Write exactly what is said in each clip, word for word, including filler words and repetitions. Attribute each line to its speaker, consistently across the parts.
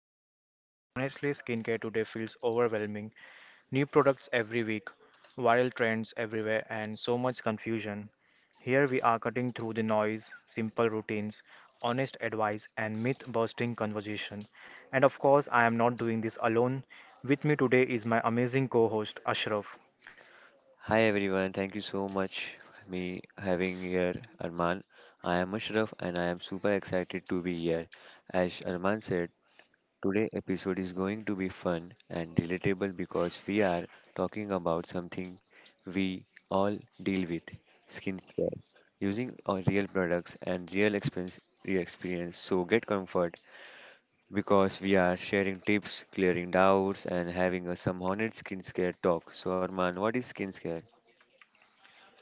Speaker 1: podcast because honestly, skincare today feels overwhelming. New products every week, viral trends everywhere, and so much confusion. Here we are cutting through the noise, simple routines, honest advice, and myth busting conversation. And of course, I am not doing this alone. With me today is my amazing co host, Ashraf.
Speaker 2: Hi everyone, thank you so much for me having here Arman. I am Ashraf and I am super excited to be here. As Arman said, today episode is going to be fun and relatable because we are talking about something we all deal with, skincare. Using our real products and real experience, real experience. So get comfort because we are sharing tips, clearing doubts and having a some honest skincare talk. So Arman, what is skincare?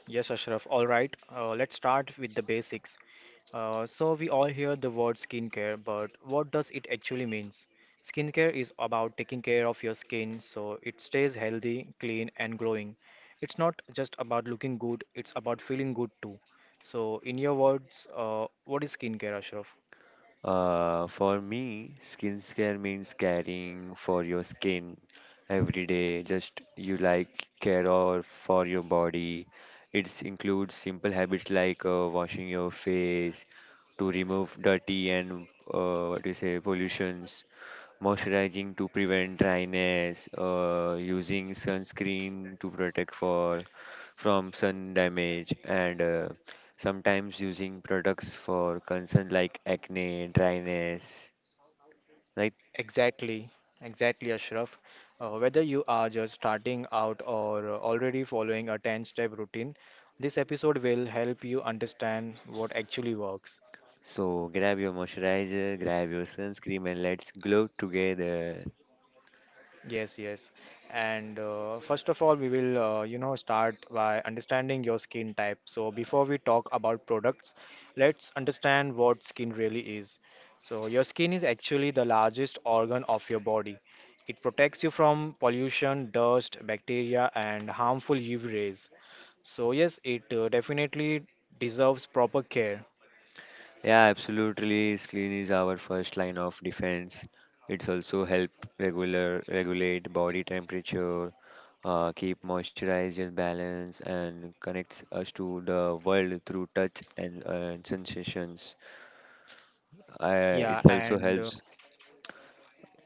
Speaker 1: Yes, Ashraf. All right, uh, let's start with the basics. Uh, so we all hear the word skincare, but what does it actually means? Skincare is about taking care of your skin so it stays healthy, clean, and glowing. It's not just about looking good, it's about feeling good too. So, in your words, uh, what is skincare, Ashraf?
Speaker 2: Uh, for me, skincare means caring for your skin every day. Just you like care or for your body. It includes simple habits like uh, washing your face to remove dirty and uh, what do you say pollutions, moisturizing to prevent dryness, uh, using sunscreen to protect for from sun damage, and uh, sometimes using products for concern like acne, dryness, right?
Speaker 1: Exactly, exactly, Ashraf. Uh, whether you are just starting out or already following a ten step routine, this episode will help you understand what actually works.
Speaker 2: So grab your moisturizer, grab your sunscreen, and let's glow together.
Speaker 1: Yes, yes. And uh, first of all, we will, uh, you know, start by understanding your skin type. So before we talk about products, let's understand what skin really is. So your skin is actually the largest organ of your body. It protects you from pollution, dust, bacteria, and harmful U V rays. So yes, it uh, definitely deserves proper care.
Speaker 2: Yeah, absolutely. Screen is our first line of defense. It's also help regular regulate body temperature, uh, keep moisturizer balance, and connects us to the world through touch and uh, sensations. Uh,
Speaker 1: Yeah,
Speaker 2: it also
Speaker 1: and uh,
Speaker 2: helps.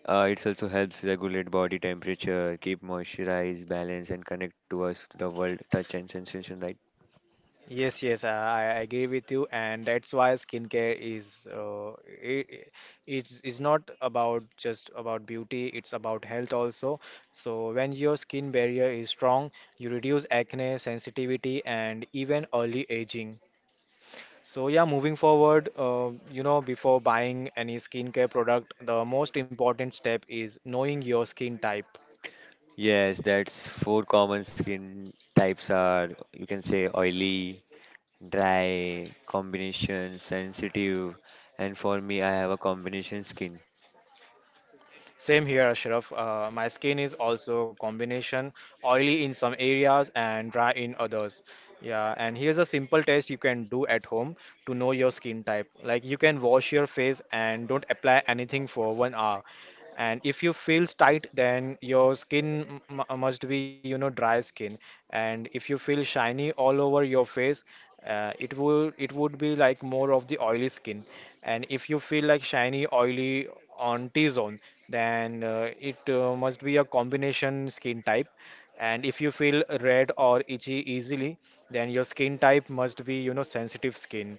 Speaker 2: Uh, it also helps regulate body temperature, keep moisturize balance, and connect to us to the world touch and sensation. Right?
Speaker 1: Yes, yes, uh, I I agree with you, and that's why skincare is uh, it, it is not about just about beauty, it's about health also. So when your skin barrier is strong, you reduce acne, sensitivity, and even early aging. So yeah, moving forward, uh, you know, before buying any skincare product, the most important step is knowing your skin type.
Speaker 2: Yes, that's four common skin types are you can say oily dry, combination, sensitive, and for me, I have a combination skin.
Speaker 1: Same here, Ashraf. Uh, my skin is also combination oily in some areas and dry in others. Yeah, and here's a simple test you can do at home to know your skin type. Like you can wash your face and don't apply anything for one hour. And if you feel tight, then your skin m- m- must be, you know, dry skin. And if you feel shiny all over your face, uh, it would it would be like more of the oily skin, and if you feel like shiny oily on t-zone, then uh, it uh, must be a combination skin type, and if you feel red or itchy easily, then your skin type must be, you know sensitive skin.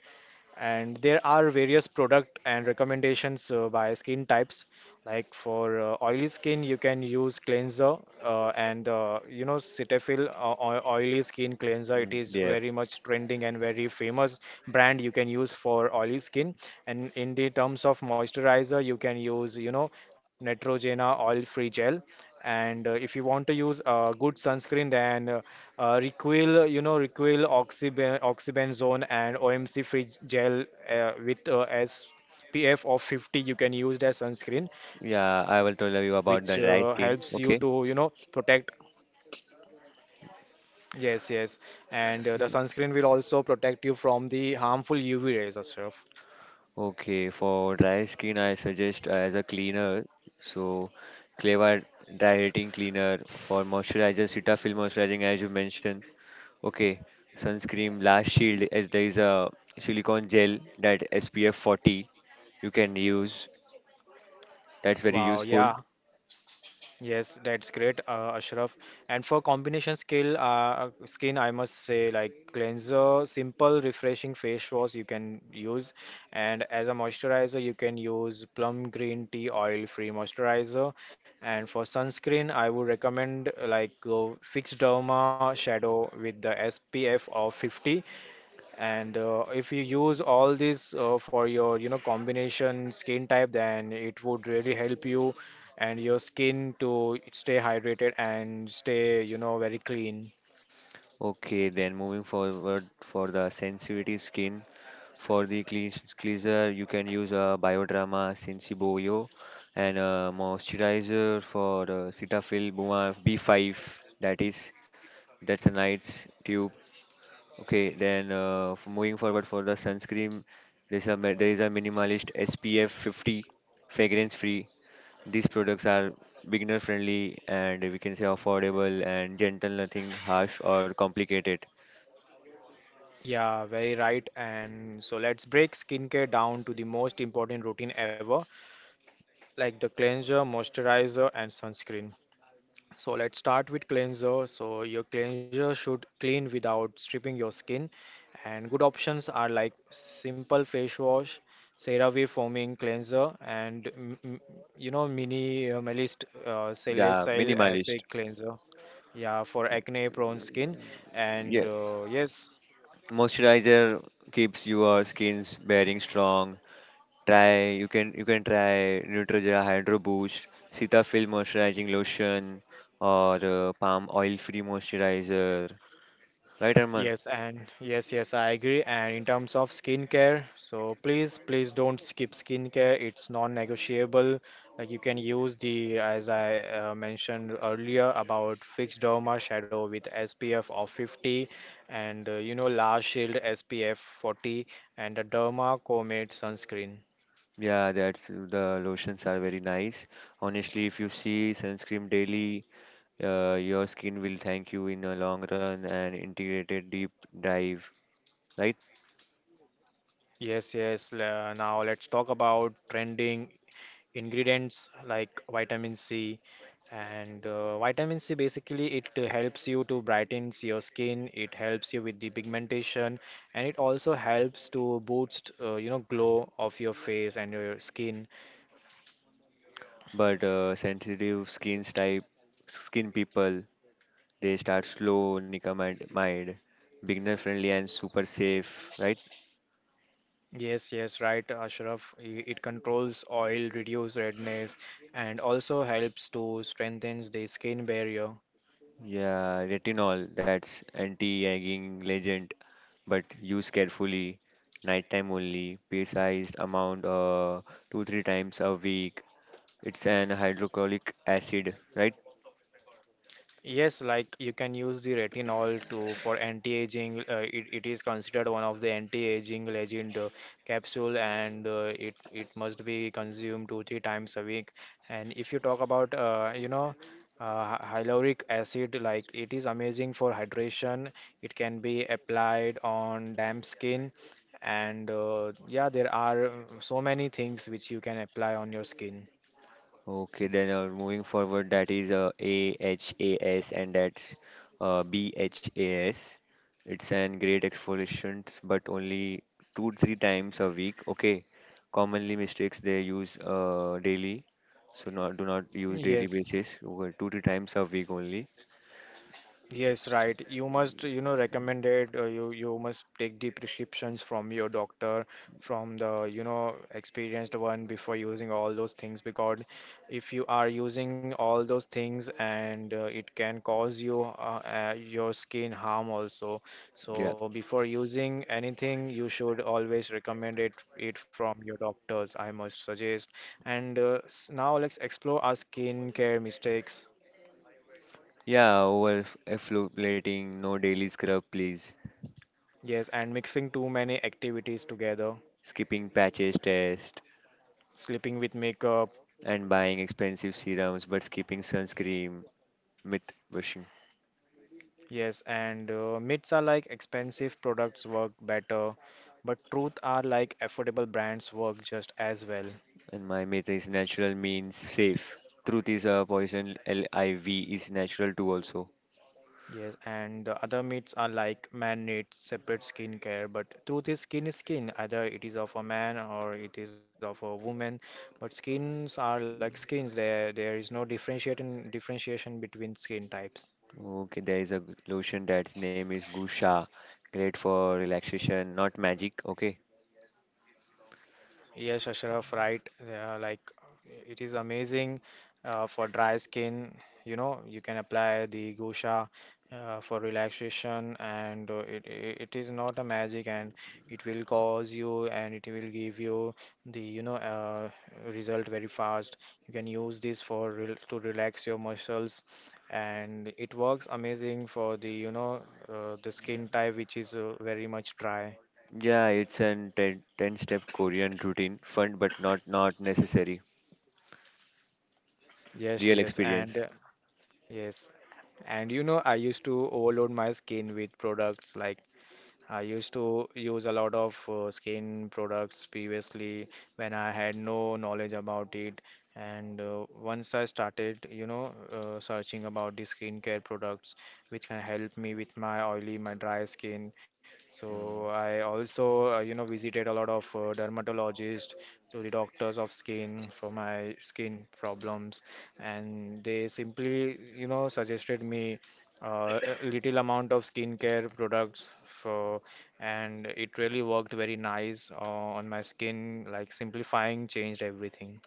Speaker 1: And there are various product and recommendations uh, by skin types, like for uh, oily skin you can use cleanser, uh, and uh, you know, cetaphil uh, oi- oily skin cleanser. It
Speaker 2: Mm,
Speaker 1: is
Speaker 2: yeah,
Speaker 1: very much trending and very famous brand you can use for oily skin. And in the terms of moisturizer, you can use, you know, Neutrogena oil free gel. And uh, if you want to use a good sunscreen, then uh, uh, Requil, you know Requil oxyben oxybenzone and O M C free gel uh, with uh, S P F of fifty, you can use that sunscreen, which
Speaker 2: yeah, I will
Speaker 1: uh,
Speaker 2: tell you
Speaker 1: helps you
Speaker 2: about the
Speaker 1: to, you
Speaker 2: dry
Speaker 1: know
Speaker 2: skin. Okay.
Speaker 1: protect. Yes, yes. And uh, the sunscreen will
Speaker 2: Mm.
Speaker 1: also protect you from the harmful U V rays, Ashraf.
Speaker 2: Okay, for dry skin, I suggest as a cleaner. So, Cleva Hydrating Cleaner for moisturizer, Cetaphil moisturizing, as you mentioned. Okay, sunscreen, Last Shield, as there is a silicone gel that S P F forty you can use. That's very
Speaker 1: Wow,
Speaker 2: useful.
Speaker 1: yeah. Yes, that's great, uh, Ashraf. And for combination skill, uh, skin, I must say, like cleanser, simple refreshing face wash you can use, and as a moisturizer, you can use plum green tea oil-free moisturizer. And for sunscreen, I would recommend uh, like uh, Fix Derma Shadow with the S P F of fifty. And uh, if you use all this uh, for your, you know, combination skin type, then it would really help you and your skin to stay hydrated and stay, you know, very clean.
Speaker 2: Okay, then moving forward for the sensitive skin, for the cleans- cleanser, you can use a Bioderma Sensiboyo and a moisturizer for uh, Cetaphil Buma B five. That is, that's a nice tube. Okay, then uh, f- moving forward for the sunscreen, there's a mi- there is a minimalist S P F fifty, fragrance free. These products are beginner friendly and we can say affordable and gentle, nothing harsh or complicated.
Speaker 1: Yeah, very right. And so let's break skincare down to the most important routine ever, like the cleanser, moisturizer, and sunscreen. So let's start with cleanser. So your cleanser should clean without stripping your skin. And good options are like simple face wash, CeraVe foaming cleanser, and m- m- you know mini uh, Melist uh,
Speaker 2: Yeah,
Speaker 1: salicylic
Speaker 2: minimalist.
Speaker 1: acid cleanser. Yeah, for acne-prone skin.
Speaker 2: Yeah,
Speaker 1: And uh, yes,
Speaker 2: moisturizer keeps your skin's bearing strong. Try you can you can try Neutrogena Hydro Boost, Cetaphil moisturizing lotion, or uh, palm oil free moisturizer. Right, Arman?
Speaker 1: Yes, and yes, yes, I agree. And in terms of skincare, so please, please don't skip skincare. It's non-negotiable. Like you can use the, as I uh, mentioned earlier, about fixed derma shadow with S P F of fifty and, uh, you know, Last Shield S P F forty and the Derma Comet sunscreen.
Speaker 2: Yeah, that's the lotions are very nice. Honestly, if you see sunscreen daily, uh, your skin will thank you in the long run and integrated deep dive, right?
Speaker 1: Yes, yes. le- Now let's talk about trending ingredients like vitamin C. And uh, vitamin C basically, it uh, helps you to brightens your skin, it helps you with the pigmentation, and it also helps to boost uh, you know glow of your face and your skin.
Speaker 2: But uh, sensitive skin type, skin people. They start slow, nicotinamide, beginner friendly and super safe, right?
Speaker 1: Yes, yes, right, Ashraf. I- it controls oil, reduce redness, and also helps to strengthens the skin barrier.
Speaker 2: Yeah, retinol, that's anti-aging legend, but use carefully. Nighttime only, precise amount, uh, two three times a week. It's an hydrochloric acid, right?
Speaker 1: Yes, like you can use the retinol to for anti-aging. Uh, it, it is considered one of the anti-aging legend uh, capsule, and uh, it it must be consumed two three times a week. And if you talk about, uh, you know uh, hy- hyaluronic acid, like it is amazing for hydration. It can be applied on damp skin, and uh, yeah, there are uh, so many things which you can apply on your skin.
Speaker 2: Okay, then uh, moving forward, that is uh, A H A S and that's uh, B H A S. It's an great exfoliations, but only two three times a week. Okay, commonly mistakes they use uh, daily, so not do not use daily
Speaker 1: Yes.
Speaker 2: basis. Over two three times a week only.
Speaker 1: Yes, right. You must, you know, recommend it. Uh, you you must take the prescriptions from your doctor, from the, you know, experienced one before using all those things. Because if you are using all those things and uh, it can cause you uh, uh, your skin harm also.
Speaker 2: Yeah,
Speaker 1: So before using anything, you should always recommend it it from your doctors. I must suggest. And uh, s- now let's explore our skincare mistakes.
Speaker 2: yeah. Over f- exfoliating, no daily scrub, please.
Speaker 1: Yes, and mixing too many activities together,
Speaker 2: Skipping patches test
Speaker 1: sleeping with makeup.
Speaker 2: and buying expensive serums, but skipping sunscreen. Myth washing.
Speaker 1: Yes, and uh, myths are like expensive products work better, but truth are like affordable brands work just as well.
Speaker 2: And my myth is natural means safe. Truth is a poison. L I V is natural too also.
Speaker 1: Yes, and the other myths are like man-made separate skincare, but truth is skin is skin. Either it is of a man or it is of a woman, but skins are like skins. There, there is no differentiating differentiation between skin types.
Speaker 2: Okay, there is a g- lotion that's name is Gusha. Great for relaxation, not magic. Okay.
Speaker 1: Yes, Ashraf, right. Uh, like it is amazing uh, for dry skin. You know, you can apply the Gosha uh, for relaxation, and uh, it, it it is not a magic, and it will cause you, and it will give you the, you know uh, result very fast. You can use this for rel to relax your muscles, and it works amazing for the, you know uh, the skin type which is uh, very much dry.
Speaker 2: Yeah, it's a ten ten step Korean routine. Fun but not not necessary.
Speaker 1: Yes,
Speaker 2: Real
Speaker 1: yes, and uh,
Speaker 2: experience.
Speaker 1: yes. And you know, I used to overload my skin with products, like I used to use a lot of uh, skin products previously when I had no knowledge about it. And uh, once I started, you know, uh, searching about the skincare products which can help me with my oily, my dry skin.
Speaker 2: Hmm.
Speaker 1: So I also, uh, you know, visited a lot of uh, dermatologists, so the doctors of skin for my skin problems, and they simply, you know, suggested me uh, a little amount of skincare products for, and it really worked very nice uh, on my skin, like simplifying changed everything.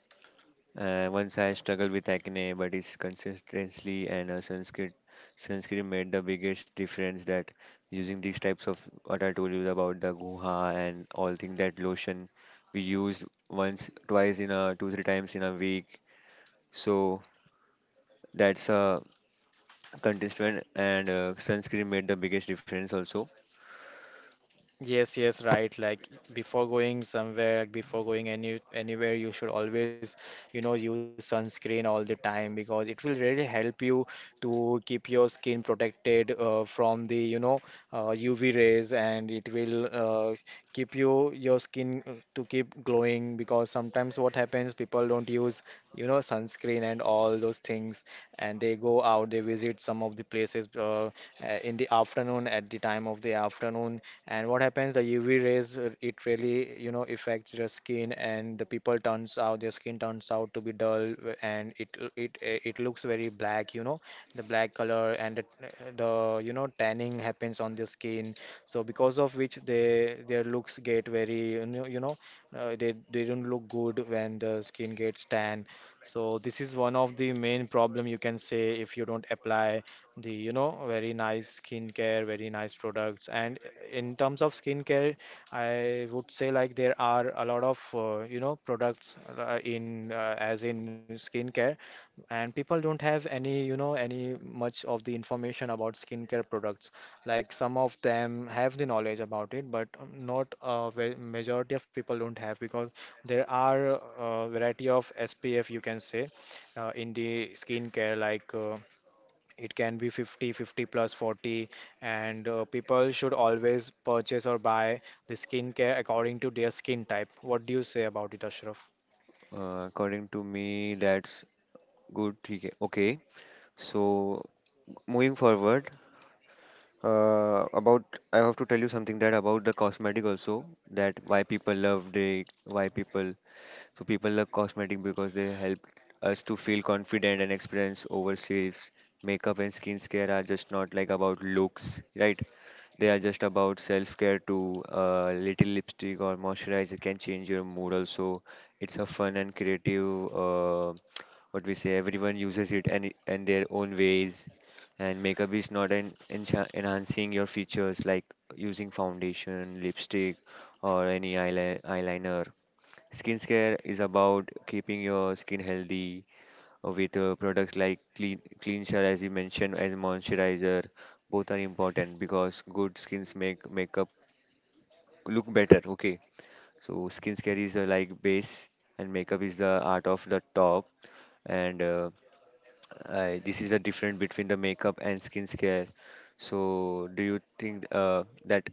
Speaker 2: Uh, once I struggled with acne, but it's consistency and uh, sunscreen sunscreen made the biggest difference. That using these types of what I told you about the guha and all thing that lotion we used once, twice in a two three times in a week. So that's a contestant and uh, sunscreen made the biggest difference also.
Speaker 1: Yes, yes, right. Like before going somewhere, like, before going any anywhere, you should always, you know, use sunscreen all the time because it will really help you to keep your skin protected uh, from the, you know, uh, U V rays, and it will uh, keep you your skin uh, to keep glowing, because sometimes what happens, people don't use, you know, sunscreen and all those things, and they go out, they visit some of the places uh, uh, in the afternoon, at the time of the afternoon, and what happens, the U V rays, uh, it really, you know, affects your skin, and the people turns out, their skin turns out to be dull, uh, and it uh, it uh, it looks very black, you know, the black color, and the, the, you know, tanning happens on their skin. So because of which they, their looks get very, you know, you know, uh, they they don't look good when the skin gets tan. So this is one of the main problem, you can say, if you don't apply the, you know, very nice nice skincare, very nice products. And uh, in terms of skincare, I would say, like, there are a lot of, uh, you know products uh, in uh, as in skincare, and people don't have any, you know any much of the information about skincare products. Like some of them have the knowledge about it, but not a ve- majority of people don't have, because there are a variety of S P F, you can say, uh, in the skincare like. Uh, it can be fifty, fifty plus, forty, and uh, people should always purchase or buy the skincare according to their skin type. What do you say about it, Ashraf?
Speaker 2: Uh, according to me, that's good. ठीक है. Okay. So moving forward, Uh, about I have to tell you something that about the cosmetic also that why people love they why people so people love cosmetic because they help us to feel confident and experience overseas. Makeup and skincare are just not like about looks, right? They are just about self-care too. A little lipstick or moisturizer can change your mood also. It's a fun and creative. Uh, what we say everyone uses it and in their own ways and makeup is not an encha- enhancing your features like using foundation lipstick or any eyeli- eyeliner skincare is about keeping your skin healthy uh, with uh, products like clean cleanser as you mentioned as moisturizer. Both are important because good skins make makeup look better. Okay, so skincare is uh, like base and makeup is the art of the top, and uh, I this is the difference between the makeup and skincare. So, do you think uh, that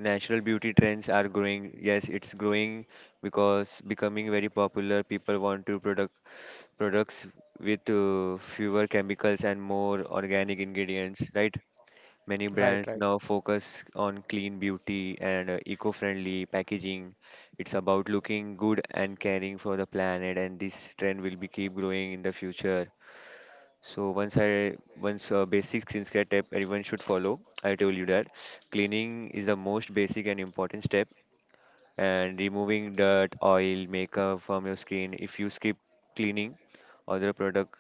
Speaker 2: natural beauty trends are growing? Yes, it's growing because becoming very popular. People want to product products with uh, fewer chemicals and more organic ingredients, right? Many
Speaker 1: Right,
Speaker 2: brands
Speaker 1: right.
Speaker 2: now focus on clean beauty and uh, eco-friendly packaging. It's about looking good and caring for the planet, and this trend will be keep growing in the future. So once I once a basic skincare tip everyone should follow, I told you that cleaning is the most basic and important step, and removing dirt, oil, makeup from your skin. If you skip cleaning, other product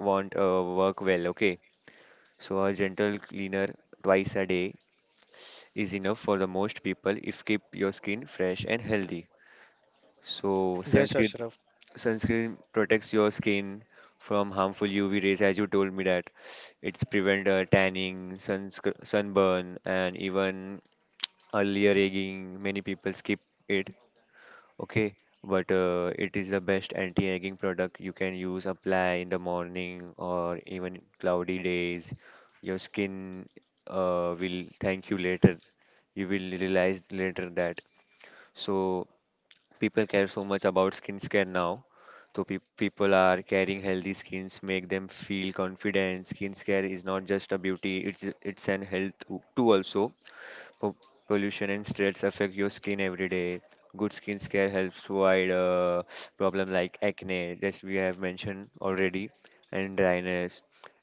Speaker 2: won't uh, work well. Okay, so a gentle cleaner twice a day is enough for the most people if keep your skin fresh and healthy. So
Speaker 1: Yes,
Speaker 2: sunscreen
Speaker 1: Ashraf.
Speaker 2: sunscreen protects your skin from harmful U V rays, as you told me that it's prevent uh, tanning, sunsc- sunburn, and even earlier aging. Many people skip it. Okay, but uh, it is the best anti-aging product you can use. Apply in the morning or even cloudy days. Your skin uh, will thank you later. You will realize later that so people care so much about skincare now. So pe people are carrying healthy skins, make them feel confident. Skincare is not just a beauty; it's it's an health too too also. Po- pollution and stress affect your skin every day. Good skincare helps avoid uh, problem like acne, that we have mentioned already, and dryness.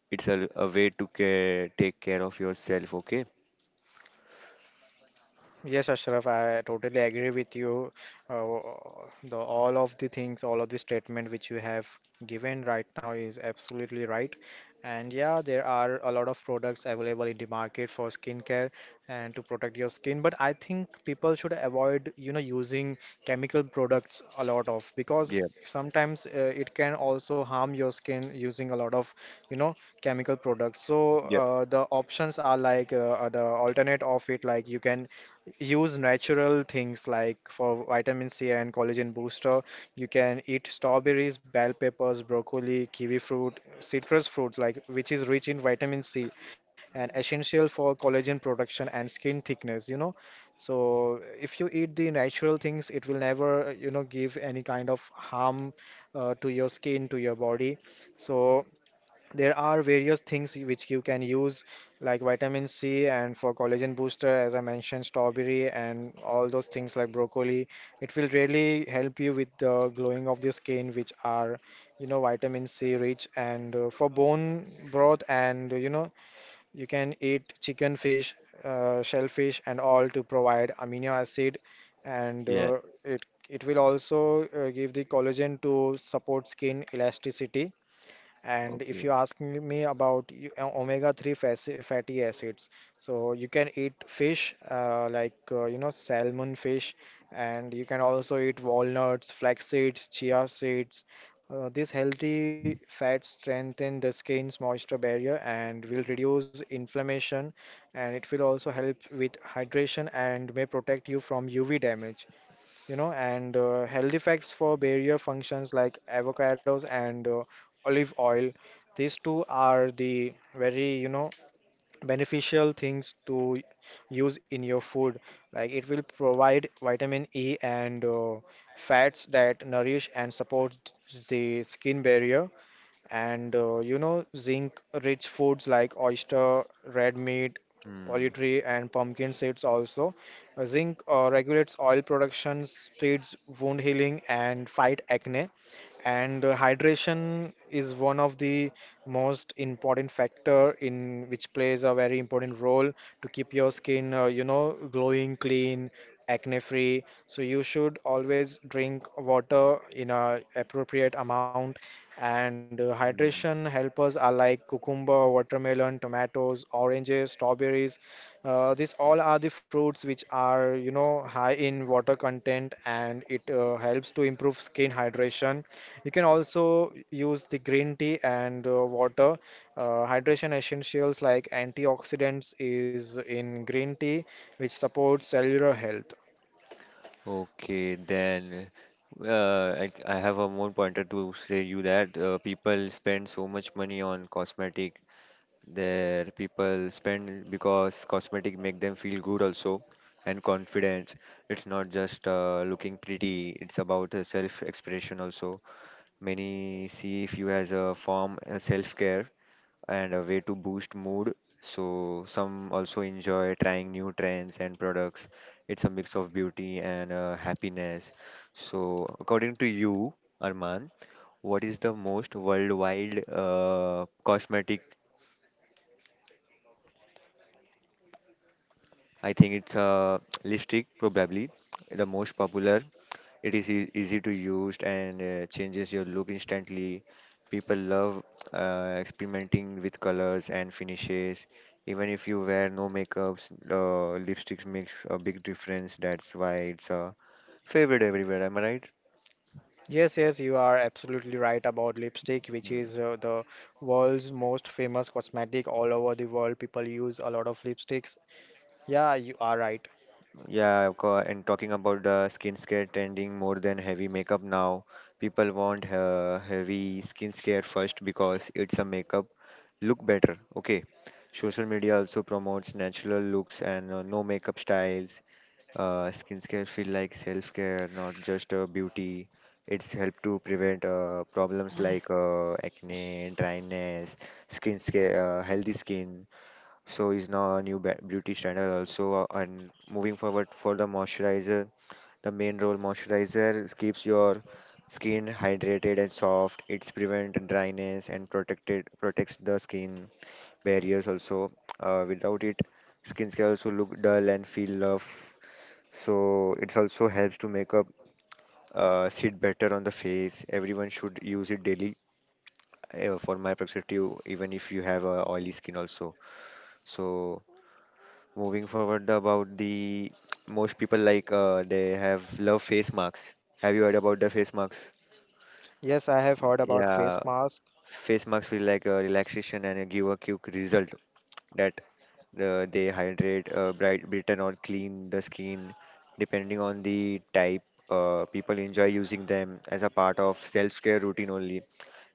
Speaker 2: It's a, a way to care, take care of yourself. Okay.
Speaker 1: Yes, Ashraf, I totally agree with you. Uh, the all of the things, all of the statement which you have given right now is absolutely right. And yeah, there are a lot of products available in the market for skincare and to protect your skin. But I think people should avoid, you know, using chemical products a lot of because
Speaker 2: Yeah,
Speaker 1: sometimes uh, it can also harm your skin using a lot of, you know, chemical products. So
Speaker 2: yeah,
Speaker 1: uh, the options are like uh, uh, the alternate of it, like you can use natural things like for vitamin C and collagen booster. You can eat strawberries, bell peppers, broccoli, kiwi fruit, citrus fruits like which is rich in vitamin C and essential for collagen production and skin thickness, you know. So if you eat the natural things, it will never, you know, give any kind of harm uh, to your skin, to your body. So there are various things which you can use like vitamin c and for collagen booster as I mentioned strawberry and all those things like broccoli, it will really help you with the glowing of the skin, which are, you know, vitamin c rich, and uh, for bone broth, and you know you can eat chicken, fish, uh, shellfish and all to provide amino acid, and
Speaker 2: yeah.
Speaker 1: uh, it it will also uh, give the collagen to support skin elasticity. And if
Speaker 2: Okay.
Speaker 1: you ask me me about you- uh, omega three faci- fatty acids, so you can eat fish, uh, like uh, you know, salmon fish, and you can also eat walnuts, flax seeds, chia seeds. Uh, these healthy fats strengthen the skin's moisture barrier and will reduce inflammation, and it will also help with hydration and may protect you from U V damage, you know. And uh, healthy facts for barrier functions like avocados and uh, olive oil. These two are the very, you know, beneficial things to use in your food. Like it will provide vitamin E and uh, fats that nourish and support the skin barrier. And uh, you know, zinc rich foods like oyster, red meat,
Speaker 2: Hmm.
Speaker 1: poultry, and pumpkin seeds also. Uh, zinc uh, regulates oil production, speeds wound healing, and fight acne. And uh, hydration is one of the most important factor, in which plays a very important role to keep your skin uh, you know, glowing, clean, acne free. So you should always drink water in a appropriate amount. And uh, hydration helpers are like cucumber, watermelon, tomatoes, oranges, strawberries. uh, these all are the fruits which are, you know, high in water content, and it uh, helps to improve skin hydration. You can also use the green tea and uh, water. Uh, hydration essentials like antioxidants is in green tea, which supports cellular health.
Speaker 2: Okay, then uh, I, I have a more pointer to say you that uh, people spend so much money on cosmetic. Their people spend because cosmetic make them feel good also and confidence. It's not just uh, looking pretty. It's about uh, self-expression also. Many see if you as a form uh, self-care and a way to boost mood. So some also enjoy trying new trends and products. It's a mix of beauty and uh, happiness. So according to you, Arman, what is the most worldwide uh, cosmetic? I think it's uh, lipstick probably the most popular. It is ea- easy to use and uh, changes your look instantly. People love uh, experimenting with colors and finishes. Even if you wear no makeups, uh, lipsticks makes a big difference. That's why it's a favorite everywhere. Am I right?
Speaker 1: Yes, yes, you are absolutely right about lipstick, which
Speaker 2: Mm,
Speaker 1: is uh, the world's most famous cosmetic all over the world. People use a lot of lipsticks. Yeah, you are right.
Speaker 2: yeah, of course. And talking about the skincare trending more than heavy makeup now, people want uh, heavy skincare first because it's a makeup look better. Okay. Social media also promotes natural looks and uh, no makeup styles. Uh, skincare feel like self-care, not just uh, beauty. It's help to prevent uh, problems like uh, acne, dryness, skin scare, uh, healthy skin. So is now a new ba- beauty standard also. Uh, and moving forward for the moisturizer, the main role moisturizer keeps your skin hydrated and soft. It's prevent dryness and protected protects the skin barriers also. Uh, without it, skincare also look dull and feel rough. So it also helps to make up uh, sit better on the face. Everyone should use it daily. Uh, for my perspective, even if you have uh, oily skin also. So moving forward about the most people like uh, they have love face masks. Have you heard about the face masks?
Speaker 1: Yes, I have heard about
Speaker 2: Yeah,
Speaker 1: face mask.
Speaker 2: face masks feel like a relaxation and give a quick result that Uh, they hydrate uh, bright Britain or clean the skin, depending on the type. Uh, people enjoy using them as a part of self-care routine only.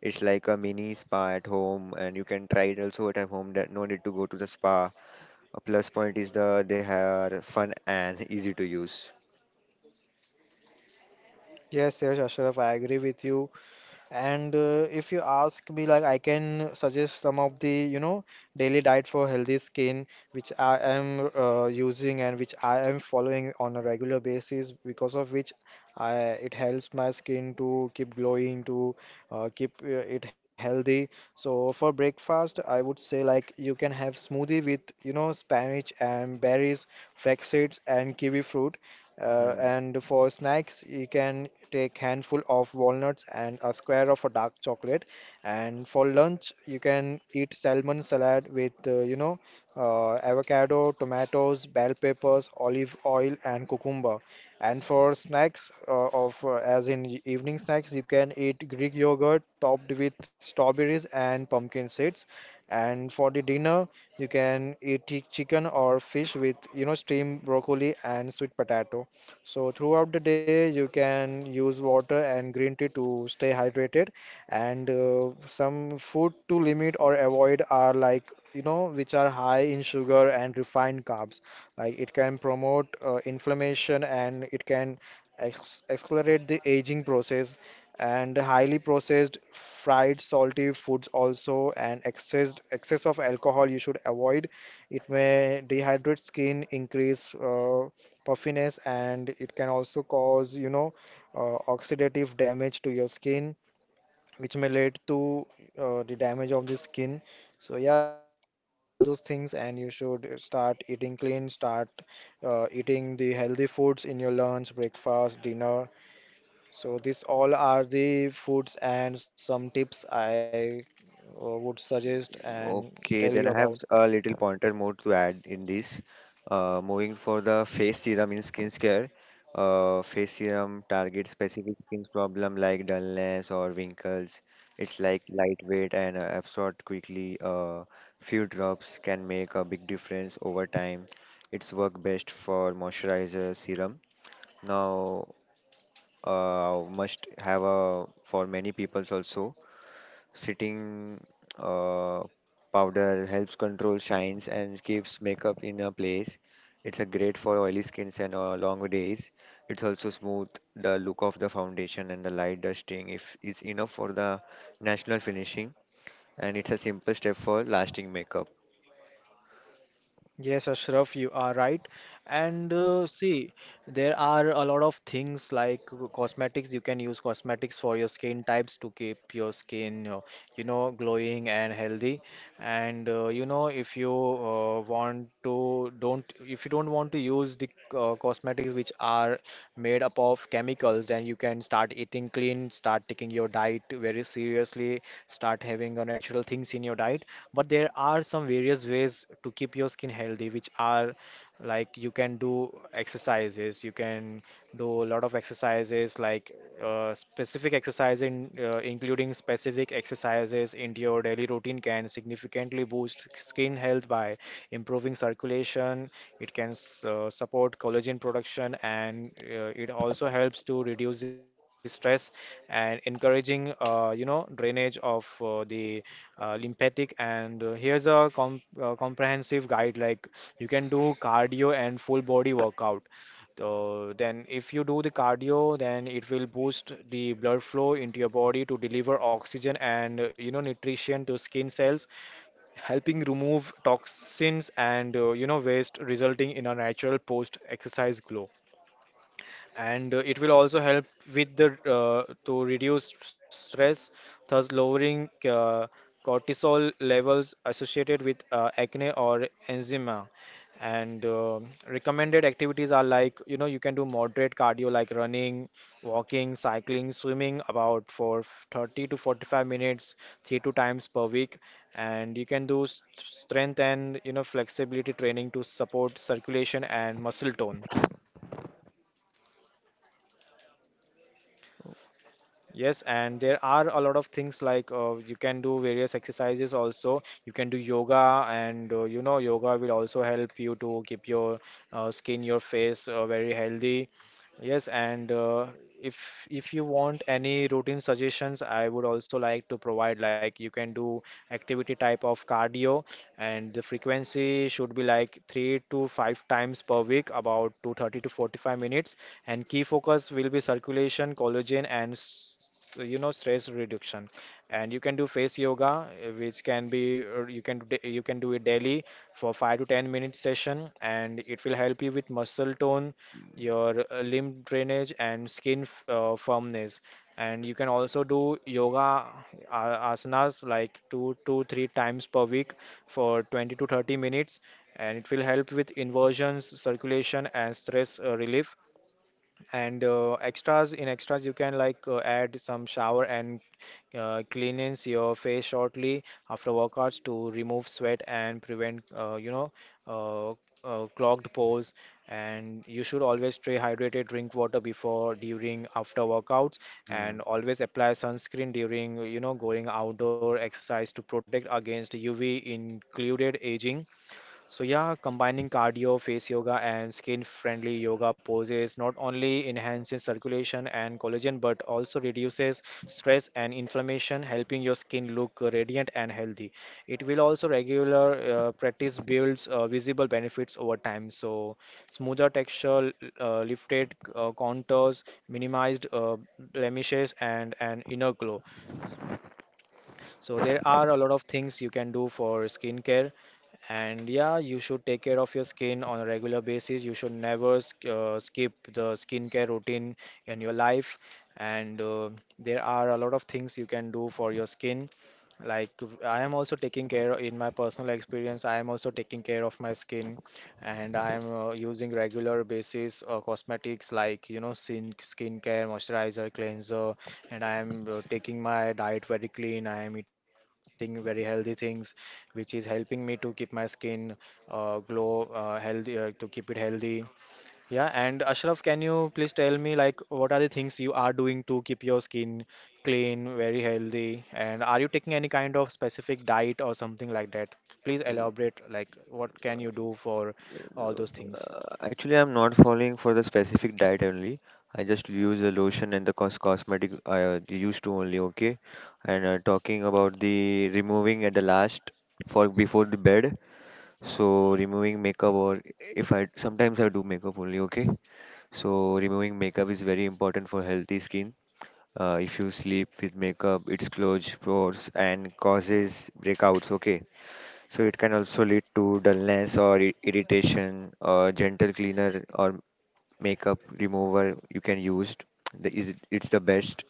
Speaker 2: It's like a mini spa at home, and you can try it also at home. That no need to go to the spa. A plus point is the they are fun and easy to use.
Speaker 1: Yes, yes, Ashraf, I agree with you. And uh, if you ask me, like I can suggest some of the, you know, daily diet for healthy skin, which I am uh, using and which I am following on a regular basis, because of which I it helps my skin to keep glowing, to uh, keep uh, it healthy. So for breakfast, I would say like you can have smoothie with, you know, spinach and berries, flax seeds, and kiwi fruit. Uh,
Speaker 2: Hmm.
Speaker 1: and for snacks, you can take handful of walnuts and a square of a dark chocolate. And for lunch, you can eat salmon salad with, uh, you know, uh, avocado, tomatoes, bell peppers, olive oil, and cucumber. And for snacks, uh, of uh, as in e- evening snacks, you can eat Greek yogurt topped with strawberries and pumpkin seeds. And for the dinner, you can eat chi- chicken or fish with, you know, steamed broccoli and sweet potato. So throughout the day, you can use water and green tea to stay hydrated, and uh, some food to limit or avoid are like, you know, which are high in sugar and refined carbs. Like it can promote uh, inflammation, and it can ex accelerate the aging process. And highly processed fried salty foods also, and excess excess of alcohol you should avoid. It may dehydrate skin, increase uh, puffiness, and it can also cause, you know, uh, oxidative damage to your skin, which may lead to uh, the damage of the skin. So yeah, you should avoid all those things, and you should start eating clean, start uh, eating the healthy foods in your lunch, breakfast, dinner. So these all are the foods and some tips I uh, would suggest and tell you
Speaker 2: Okay, then I
Speaker 1: about.
Speaker 2: have a little pointer more to add in this. Uh, moving for the face serum in skincare, uh, face serum targets specific skin problem like dullness or wrinkles. It's like lightweight and uh, absorbed quickly. Uh, few drops can make a big difference over time. It's work best for moisturizer serum. Now, uh, must have a for many peoples also. Sitting uh, powder helps control shines and keeps makeup in a place. It's a great for oily skins and uh, long days. It's also smooth the look of the foundation and the light dusting if it's enough for the national finishing. And it's a simple step for lasting makeup.
Speaker 1: Yes, Ashraf, you are right. And uh, see, there are a lot of things like co- cosmetics. You can use cosmetics for your skin types to keep your skin, uh, you know, glowing and healthy. And uh, you know, if you uh, want to, don't, if you don't want to use the uh, cosmetics which are made up of chemicals, then you can start eating clean, start taking your diet very seriously, start having uh, natural things in your diet. But there are some various ways to keep your skin healthy, which are like you can do exercises. You can do a lot of exercises like uh, specific exercise in uh, including specific exercises into your daily routine can significantly boost skin health by improving circulation. It can s- uh, support collagen production, and uh, it also helps to reduce the stress and encouraging, uh, you know, drainage of uh, the uh, lymphatic. And uh, here's a com uh, comprehensive guide, like you can do cardio and full body workout. So then if you do the cardio, then it will boost the blood flow into your body to deliver oxygen and, uh, you know, nutrition to skin cells, helping remove toxins and, uh, you know, waste, resulting in a natural post-exercise glow. And uh, it will also help with the uh, to reduce stress, thus lowering uh, cortisol levels associated with uh, acne or eczema. And uh, recommended activities are like, you know, you can do moderate cardio like running, walking, cycling, swimming, about for thirty to forty-five minutes, three to times per week. And you can do s- strength and, you know, flexibility training to support circulation and muscle tone. Yes, and there are a lot of things like uh, you can do various exercises also. You can do yoga, and uh, you know, yoga will also help you to keep your uh, skin, your face uh, very healthy. Yes, and uh, if if you want any routine suggestions, I would also like to provide, like you can do activity type of cardio, and the frequency should be like three to five times per week, about two thirty to forty-five minutes. And key focus will be circulation, collagen, and s- so, you know, stress reduction. And you can do face yoga, uh, which can be or you can d- you can do it daily for five to ten minute session, and it will help you with muscle tone, your uh, limb drainage, and skin f- uh, firmness. And you can also do yoga uh, asanas like two to three times per week for twenty to thirty minutes, and it will help with inversions, circulation, and stress uh, relief. And uh, extras in extras you can like uh, add some shower and uh, cleanse your face shortly after workouts to remove sweat and prevent, uh, you know uh, uh, clogged pores. And you should always stay hydrated, drink water before, during, after workouts,
Speaker 2: Hmm.
Speaker 1: and always apply sunscreen during, you know, going outdoor exercise to protect against U V included aging. So yeah, combining cardio, face yoga, and skin-friendly yoga poses not only enhances circulation and collagen, but also reduces stress and inflammation, helping your skin look radiant and healthy. It will also regular uh, practice builds uh, visible benefits over time. So smoother texture, uh, lifted uh, contours, minimized uh, blemishes, and an inner glow. So there are a lot of things you can do for skincare. And yeah, you should take care of your skin on a regular basis. You should never sk- uh, skip the skincare routine in your life. And uh, there are a lot of things you can do for your skin. Like I am also taking care in my personal experience. I am also taking care of my skin, and I am uh, using regular basis uh, cosmetics like, you know, skin skincare, moisturizer, cleanser, and I am uh, taking my diet very clean. I am eating very healthy things, which is helping me to keep my skin uh, glow uh, healthy, uh, to keep it healthy. Yeah, and Ashraf, can you please tell me, like, what are the things you are doing to keep your skin clean, very healthy, and are you taking any kind of specific diet or something like that? Please elaborate like what can you do for all those things.
Speaker 2: Uh, actually, I'm not following for the specific diet only. I just use the lotion and the cos cosmetic I uh, used to only, okay? And uh, talking about the removing at the last for before the bed. So removing makeup or if I sometimes I do makeup only, okay? So removing makeup is very important for healthy skin. Uh, if you sleep with makeup, it closes pores and causes breakouts, okay? So it can also lead to dullness or i- irritation or gentle cleaner or makeup remover you can use. The, is, it's the best,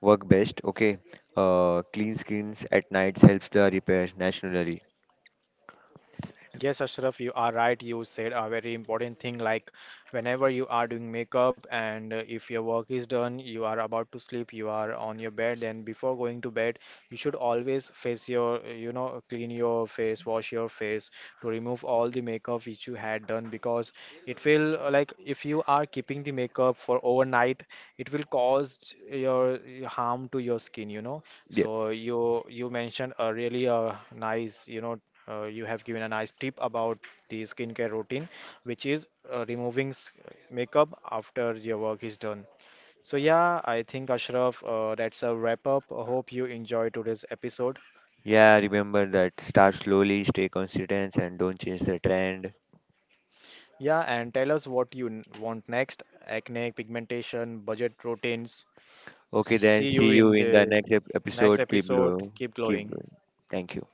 Speaker 2: work best. Okay. Uh, clean skins at nights helps the repair naturally.
Speaker 1: Yes, Ashraf, you are right. You said a very important thing, like whenever you are doing makeup and uh, if your work is done, you are about to sleep, you are on your bed, then before going to bed, you should always face your, uh, you know, clean your face, wash your face to remove all the makeup which you had done, because it will uh, like, if you are keeping the makeup for overnight, it will cause your uh, harm to your skin, you know.
Speaker 2: Yeah.
Speaker 1: So you you mentioned a really uh, nice, you know, uh, you have given a nice tip about the skincare routine, which is uh, removing s- makeup after your work is done. So yeah, I think Ashraf, uh, that's a wrap up. I hope you enjoyed today's episode.
Speaker 2: Yeah, remember that. Start slowly, stay consistent, and don't change the trend.
Speaker 1: Yeah, and tell us what you n- want next: acne, pigmentation, budget routines.
Speaker 2: Okay, then
Speaker 1: See
Speaker 2: see
Speaker 1: you
Speaker 2: you
Speaker 1: in
Speaker 2: in the
Speaker 1: the
Speaker 2: next ep-
Speaker 1: next
Speaker 2: episode. Keep
Speaker 1: episode.
Speaker 2: glowing.
Speaker 1: Keep
Speaker 2: Keep
Speaker 1: glowing.
Speaker 2: glowing. Thank you.